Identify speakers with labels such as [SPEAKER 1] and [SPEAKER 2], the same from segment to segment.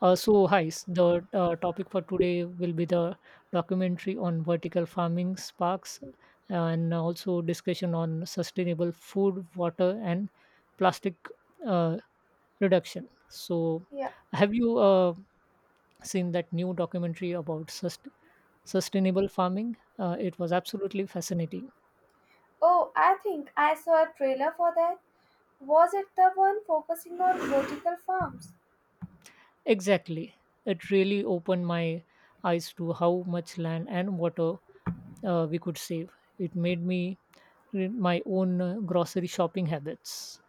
[SPEAKER 1] Hi, the topic for today will be the documentary on vertical farming sparks and also discussion on sustainable food, water, and plastic uh, reduction. So,
[SPEAKER 2] Yeah.
[SPEAKER 1] have you seen that new documentary about sustainable farming? It was absolutely fascinating.
[SPEAKER 2] Oh, I think I saw a trailer for that. Was it the one focusing on vertical farms?
[SPEAKER 1] Exactly. It really opened my eyes to how much land and water we could save. It made me my own grocery shopping habits.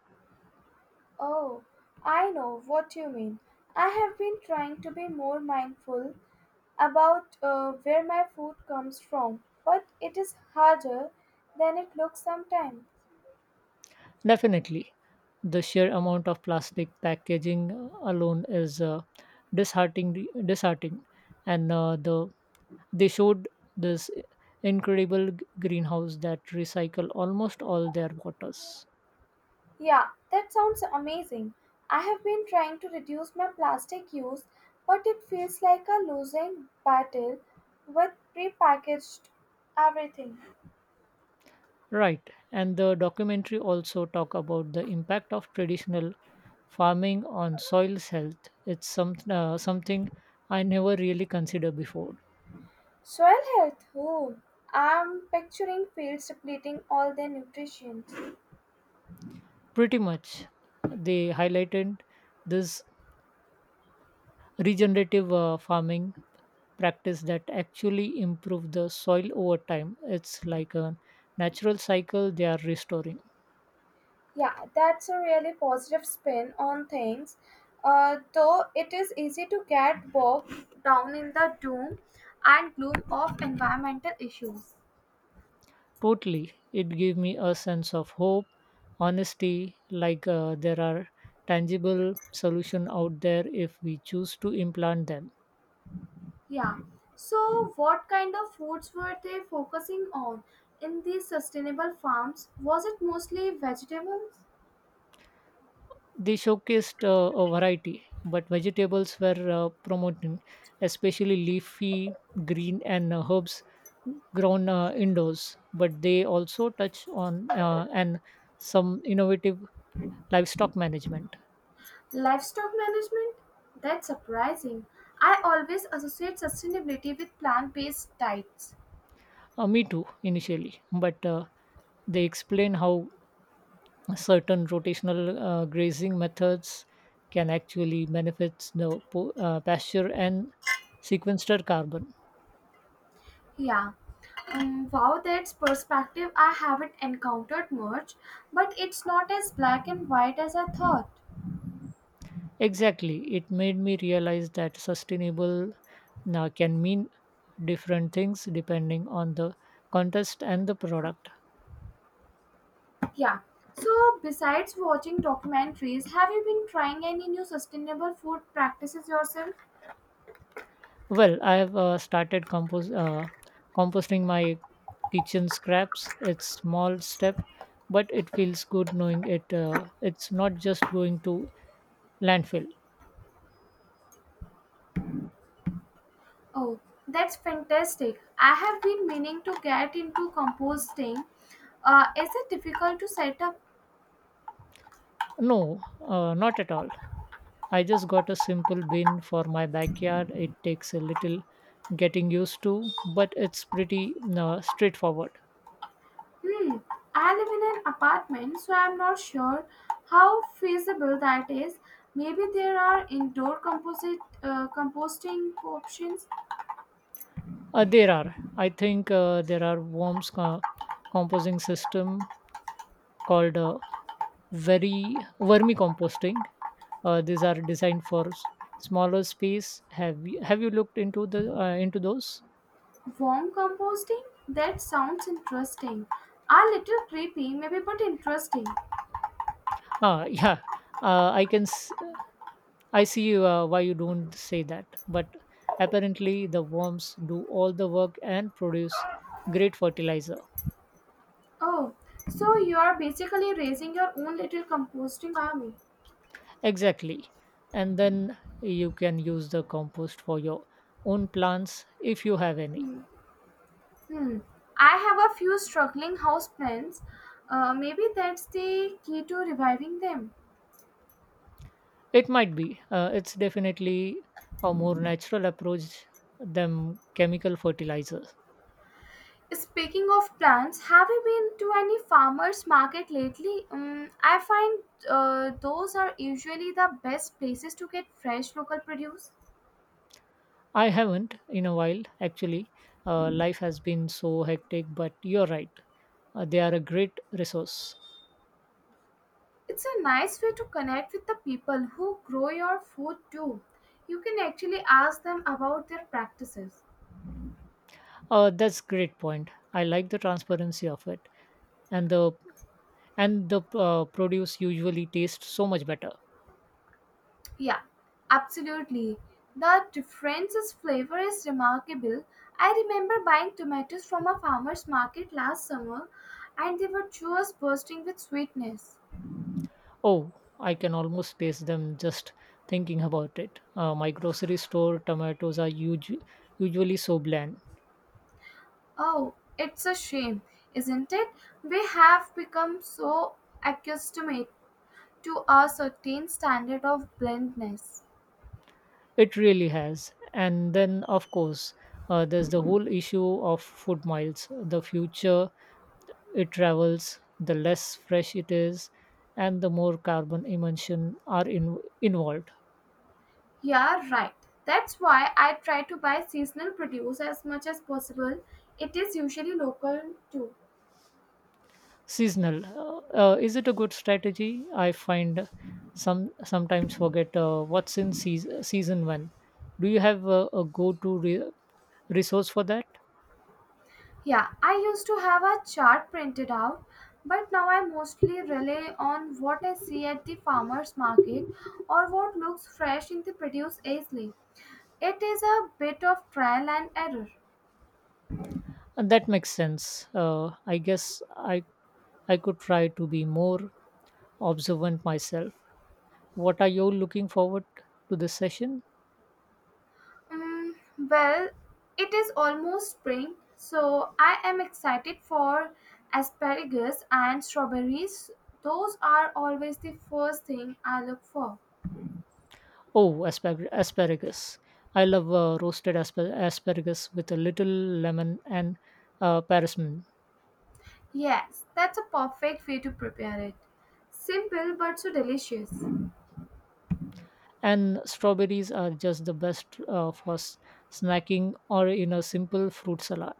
[SPEAKER 2] Oh, I know what you mean. I have been trying to be more mindful about where my food comes from, but it is harder than it looks sometimes.
[SPEAKER 1] Definitely, the sheer amount of plastic packaging alone is disheartening. Disheartening, and they showed this incredible greenhouse that recycle almost all their waters.
[SPEAKER 2] Yeah, that sounds amazing. I have been trying to reduce my plastic use, but it feels like a losing battle with prepackaged everything.
[SPEAKER 1] Right, and the documentary also talk about the impact of traditional farming on soil's health. It's something I never really considered before.
[SPEAKER 2] Soil health, who? I'm picturing fields depleting all their nutrition.
[SPEAKER 1] Pretty much. They highlighted this regenerative farming practice that actually improve the soil over time. It's like a natural cycle they are restoring.
[SPEAKER 2] Yeah, that's a really positive spin on things. Though it is easy to get bogged down in the doom and gloom of environmental issues.
[SPEAKER 1] Totally. It gave me a sense of hope, honesty, like there are tangible solution out there if we choose to implant them.
[SPEAKER 2] Yeah. So, what kind of foods were they focusing on in these sustainable farms? Was it mostly vegetables?
[SPEAKER 1] They showcased a variety, but vegetables were promoted, especially leafy green and herbs grown indoors. But they also touch on and some innovative livestock management.
[SPEAKER 2] Livestock management? That's surprising. I always associate sustainability with plant based diets.
[SPEAKER 1] Me too, initially, but they explain how certain rotational grazing methods can actually benefit the pasture and sequester carbon.
[SPEAKER 2] Yeah. Wow, that's perspective I haven't encountered much, but it's not as black and white as I thought.
[SPEAKER 1] Exactly. It made me realize that sustainable now can mean different things depending on the contest and the product.
[SPEAKER 2] Yeah. So, besides watching documentaries, have you been trying any new sustainable food practices yourself?
[SPEAKER 1] Well, I have started composting my kitchen scraps. It's small step, but it feels good knowing it. It's not just going to landfill.
[SPEAKER 2] Oh, that's fantastic. I have been meaning to get into composting. Is it difficult to set up.
[SPEAKER 1] No, not at all. I just got a simple bin for my backyard. It takes a little getting used to, but it's pretty straightforward.
[SPEAKER 2] Hmm, I live in an apartment, so I'm not sure how feasible that is. Maybe there are indoor composite composting options.
[SPEAKER 1] There are, I think, there are composting system called very vermicomposting. These are designed for smaller space. Have you looked into the into those?
[SPEAKER 2] Warm composting? That sounds interesting. A little creepy, maybe, but interesting.
[SPEAKER 1] Ah, yeah, I can. I see why you don't say that, but apparently the worms do all the work and produce great fertilizer.
[SPEAKER 2] Oh, so you're basically raising your own little composting army.
[SPEAKER 1] Exactly. And then you can use the compost for your own plants if you have any.
[SPEAKER 2] Hmm. I have a few struggling houseplants. Maybe that's the key to reviving them.
[SPEAKER 1] It might be. It's definitely a more natural approach than chemical fertilizers.
[SPEAKER 2] Speaking of plants, have you been to any farmers market lately? I find those are usually the best places to get fresh local produce.
[SPEAKER 1] I haven't in a while, actually. Life has been so hectic, but you're right. They are a great resource.
[SPEAKER 2] It's a nice way to connect with the people who grow your food too. You can actually ask them about their practices.
[SPEAKER 1] That's great point. I like the transparency of it, and the and the produce usually tastes so much better.
[SPEAKER 2] Yeah, absolutely. The difference is flavor is remarkable. I remember buying tomatoes from a farmer's market last summer and they were just bursting with sweetness.
[SPEAKER 1] Oh, I can almost taste them just thinking about it. My grocery store tomatoes are usually so bland.
[SPEAKER 2] Oh, it's a shame, isn't it? We have become so accustomed to a certain standard of blandness.
[SPEAKER 1] It really has. And then of course, there's the whole issue of food miles. The future it travels, the less fresh it is, and the more carbon emission are involved.
[SPEAKER 2] Yeah, right. That's why I try to buy seasonal produce as much as possible. It is usually local too.
[SPEAKER 1] Seasonal. Is it a good strategy? I find sometimes forget what's in season, season when. Do you have a go-to resource for that?
[SPEAKER 2] Yeah, I used to have a chart printed out, but now I mostly rely on what I see at the farmers market or what looks fresh in the produce aisle. It is a bit of trial and error.
[SPEAKER 1] And that makes sense. I guess I could try to be more observant myself. What are you looking forward to this session?
[SPEAKER 2] Mm, well, it is almost spring, so I am excited for asparagus and strawberries. Those are always the first thing I look for.
[SPEAKER 1] Oh, asparagus. I love roasted asparagus with a little lemon and parmesan.
[SPEAKER 2] Yes, that's a perfect way to prepare it. Simple but so delicious.
[SPEAKER 1] And strawberries are just the best for snacking or in a simple fruit salad.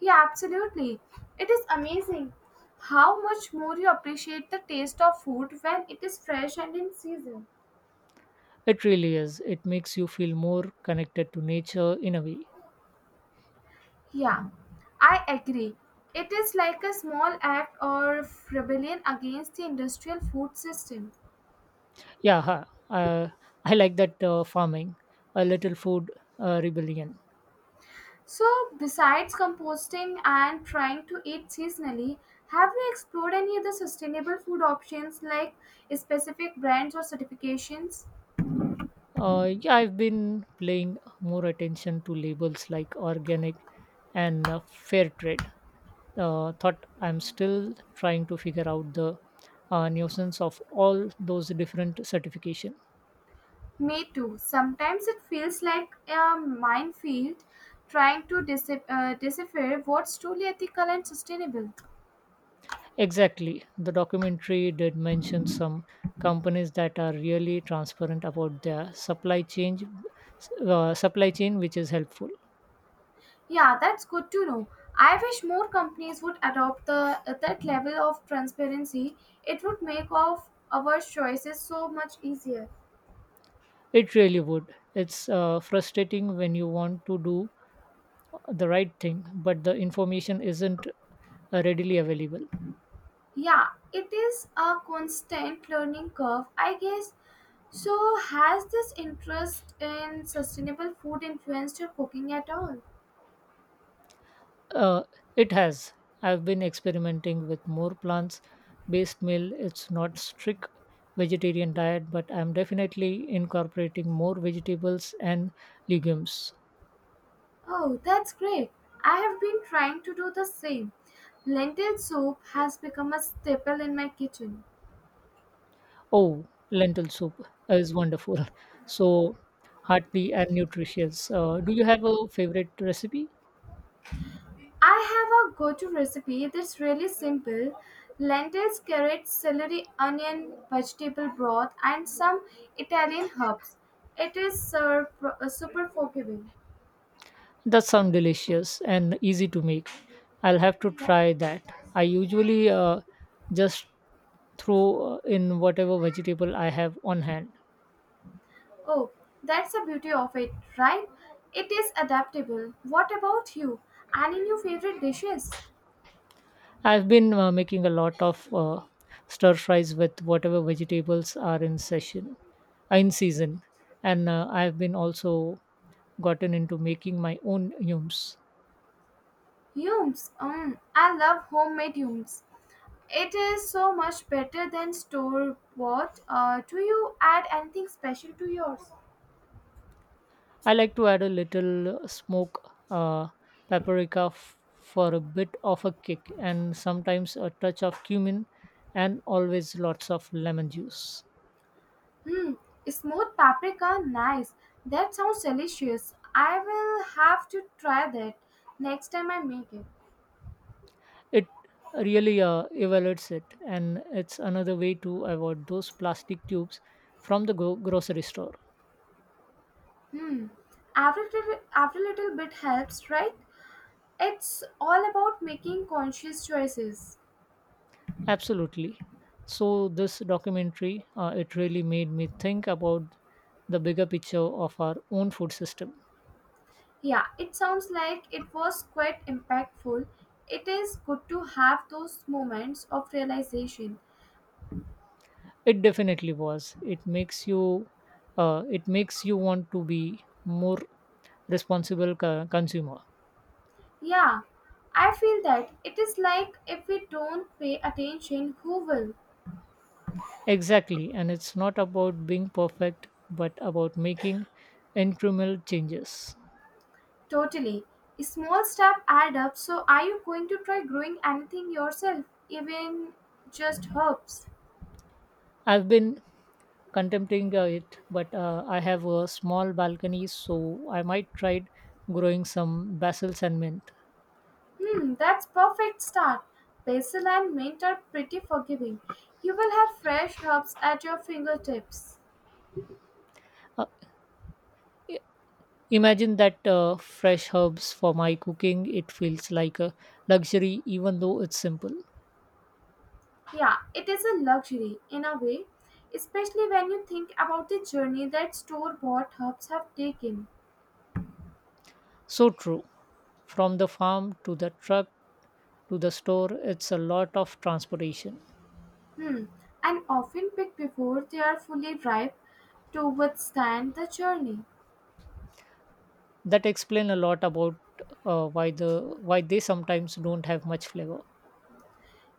[SPEAKER 2] Yeah, absolutely. It is amazing how much more you appreciate the taste of food when it is fresh and in season.
[SPEAKER 1] It really is. It makes you feel more connected to nature in a way.
[SPEAKER 2] Yeah, I agree. It is like a small act of rebellion against the industrial food system.
[SPEAKER 1] Yeah, huh. uh, I like that farming, a little food rebellion.
[SPEAKER 2] So, besides composting and trying to eat seasonally, have you explored any other sustainable food options like specific brands or certifications?
[SPEAKER 1] Yeah, I've been paying more attention to labels like organic and fair trade, thought I'm still trying to figure out the nuisance of all those different certifications.
[SPEAKER 2] Me too. Sometimes it feels like a minefield trying to decipher what's truly ethical and sustainable.
[SPEAKER 1] Exactly. The documentary did mention some companies that are really transparent about their supply chain, which is helpful.
[SPEAKER 2] Yeah, that's good to know. I wish more companies would adopt the that level of transparency. It would make of our choices so much easier.
[SPEAKER 1] It really would. It's frustrating when you want to do the right thing, but the information isn't readily available.
[SPEAKER 2] Yeah, it is a constant learning curve, I guess. So, has this interest in sustainable food influenced your cooking at all?
[SPEAKER 1] Uh, it has. I've been experimenting with more plants-based meal. It's not strict vegetarian diet, but I'm definitely incorporating more vegetables and legumes.
[SPEAKER 2] Oh, that's great. I have been trying to do the same. Lentil soup has become a staple in my kitchen.
[SPEAKER 1] Oh, lentil soup is wonderful. So hearty and nutritious. Do you have a favorite recipe?
[SPEAKER 2] I have a go to recipe that's really simple lentils, carrots, celery, onion, vegetable broth, and some Italian herbs. It is super forgiving.
[SPEAKER 1] That sounds delicious and easy to make. I'll have to
[SPEAKER 2] Yeah.
[SPEAKER 1] try that. I usually just throw in whatever vegetable I have on hand.
[SPEAKER 2] Oh, that's the beauty of it, right? It is adaptable. What about you? Any new favorite dishes?
[SPEAKER 1] I've been making a lot of stir fries with whatever vegetables are in session, in season, and I've been also gotten into making my own yums.
[SPEAKER 2] Yums. I love homemade yums. It is so much better than store bought. Do you add anything special to yours?
[SPEAKER 1] I like to add a little smoke uh, paprika for a bit of a kick, and sometimes a touch of cumin, and always lots of lemon juice.
[SPEAKER 2] Hmm, smoked paprika, nice. That sounds delicious. I will have to try that next time I make it.
[SPEAKER 1] It really evaluates it, and it's another way to avoid those plastic tubes from the grocery store.
[SPEAKER 2] Hmm, every little bit helps, right? It's all about making conscious choices.
[SPEAKER 1] Absolutely. So this documentary, it really made me think about the bigger picture of our own food system.
[SPEAKER 2] Yeah, it sounds like it was quite impactful. It is good to have those moments of realization.
[SPEAKER 1] It definitely was. It makes you want to be more responsible consumer.
[SPEAKER 2] Yeah, I feel that it is like if we don't pay attention, who will?
[SPEAKER 1] Exactly, and it's not about being perfect, but about making incremental changes.
[SPEAKER 2] Totally. Small steps add up. So, are you going to try growing anything yourself, even just herbs?
[SPEAKER 1] I've been contemplating it, but I have a small balcony, so I might try growing some basil and mint.
[SPEAKER 2] Hmm, that's perfect start. Basil and mint are pretty forgiving. You will have fresh herbs at your fingertips.
[SPEAKER 1] Uh, i- Imagine that fresh herbs for my cooking. It feels like a luxury, even though it's simple.
[SPEAKER 2] Yeah, it is a luxury in a way, especially when you think about the journey that store-bought herbs have taken.
[SPEAKER 1] So true. From the farm to the truck to the store, it's a lot of transportation.
[SPEAKER 2] Hmm, and often picked before they are fully ripe to withstand the journey.
[SPEAKER 1] That explain a lot about why they sometimes don't have much flavor.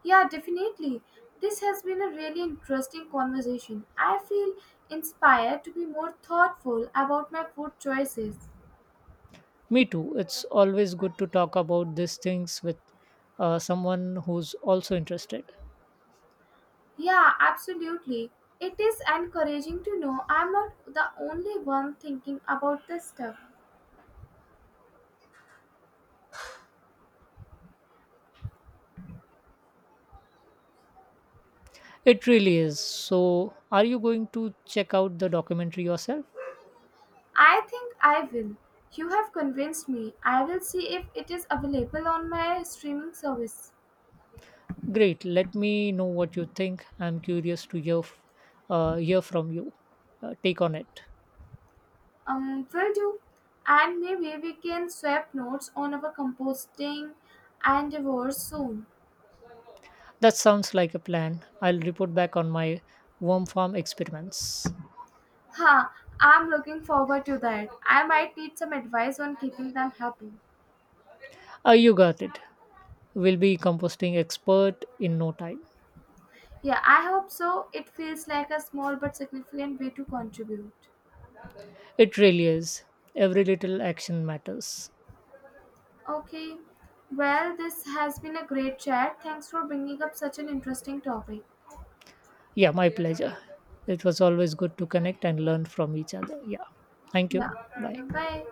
[SPEAKER 2] Yeah, definitely. This has been a really interesting conversation. I feel inspired to be more thoughtful about my food choices.
[SPEAKER 1] Me too. It's always good to talk about these things with someone who's also interested.
[SPEAKER 2] Yeah, absolutely. It is encouraging to know I'm not the only one thinking about this stuff.
[SPEAKER 1] It really is. So, are you going to check out the documentary yourself?
[SPEAKER 2] I think I will. You have convinced me. I will see if it is available on my streaming service.
[SPEAKER 1] Great. Let me know what you think. I'm curious to hear from you. Take on it.
[SPEAKER 2] Will do. And maybe we can swap notes on our composting endeavors soon.
[SPEAKER 1] That sounds like a plan. I'll report back on my worm farm experiments.
[SPEAKER 2] Huh, I'm looking forward to that. I might need some advice on keeping them happy.
[SPEAKER 1] Ah, you got it. We'll be composting expert in no time.
[SPEAKER 2] Yeah, I hope so. It feels like a small but significant way to contribute.
[SPEAKER 1] It really is. Every little action matters.
[SPEAKER 2] Okay, well, this has been a great chat. Thanks for bringing up such an interesting topic.
[SPEAKER 1] Yeah, my pleasure. It was always good to connect and learn from each other. Yeah. Thank you.
[SPEAKER 2] Yeah,
[SPEAKER 1] Bye.
[SPEAKER 2] okay, bye.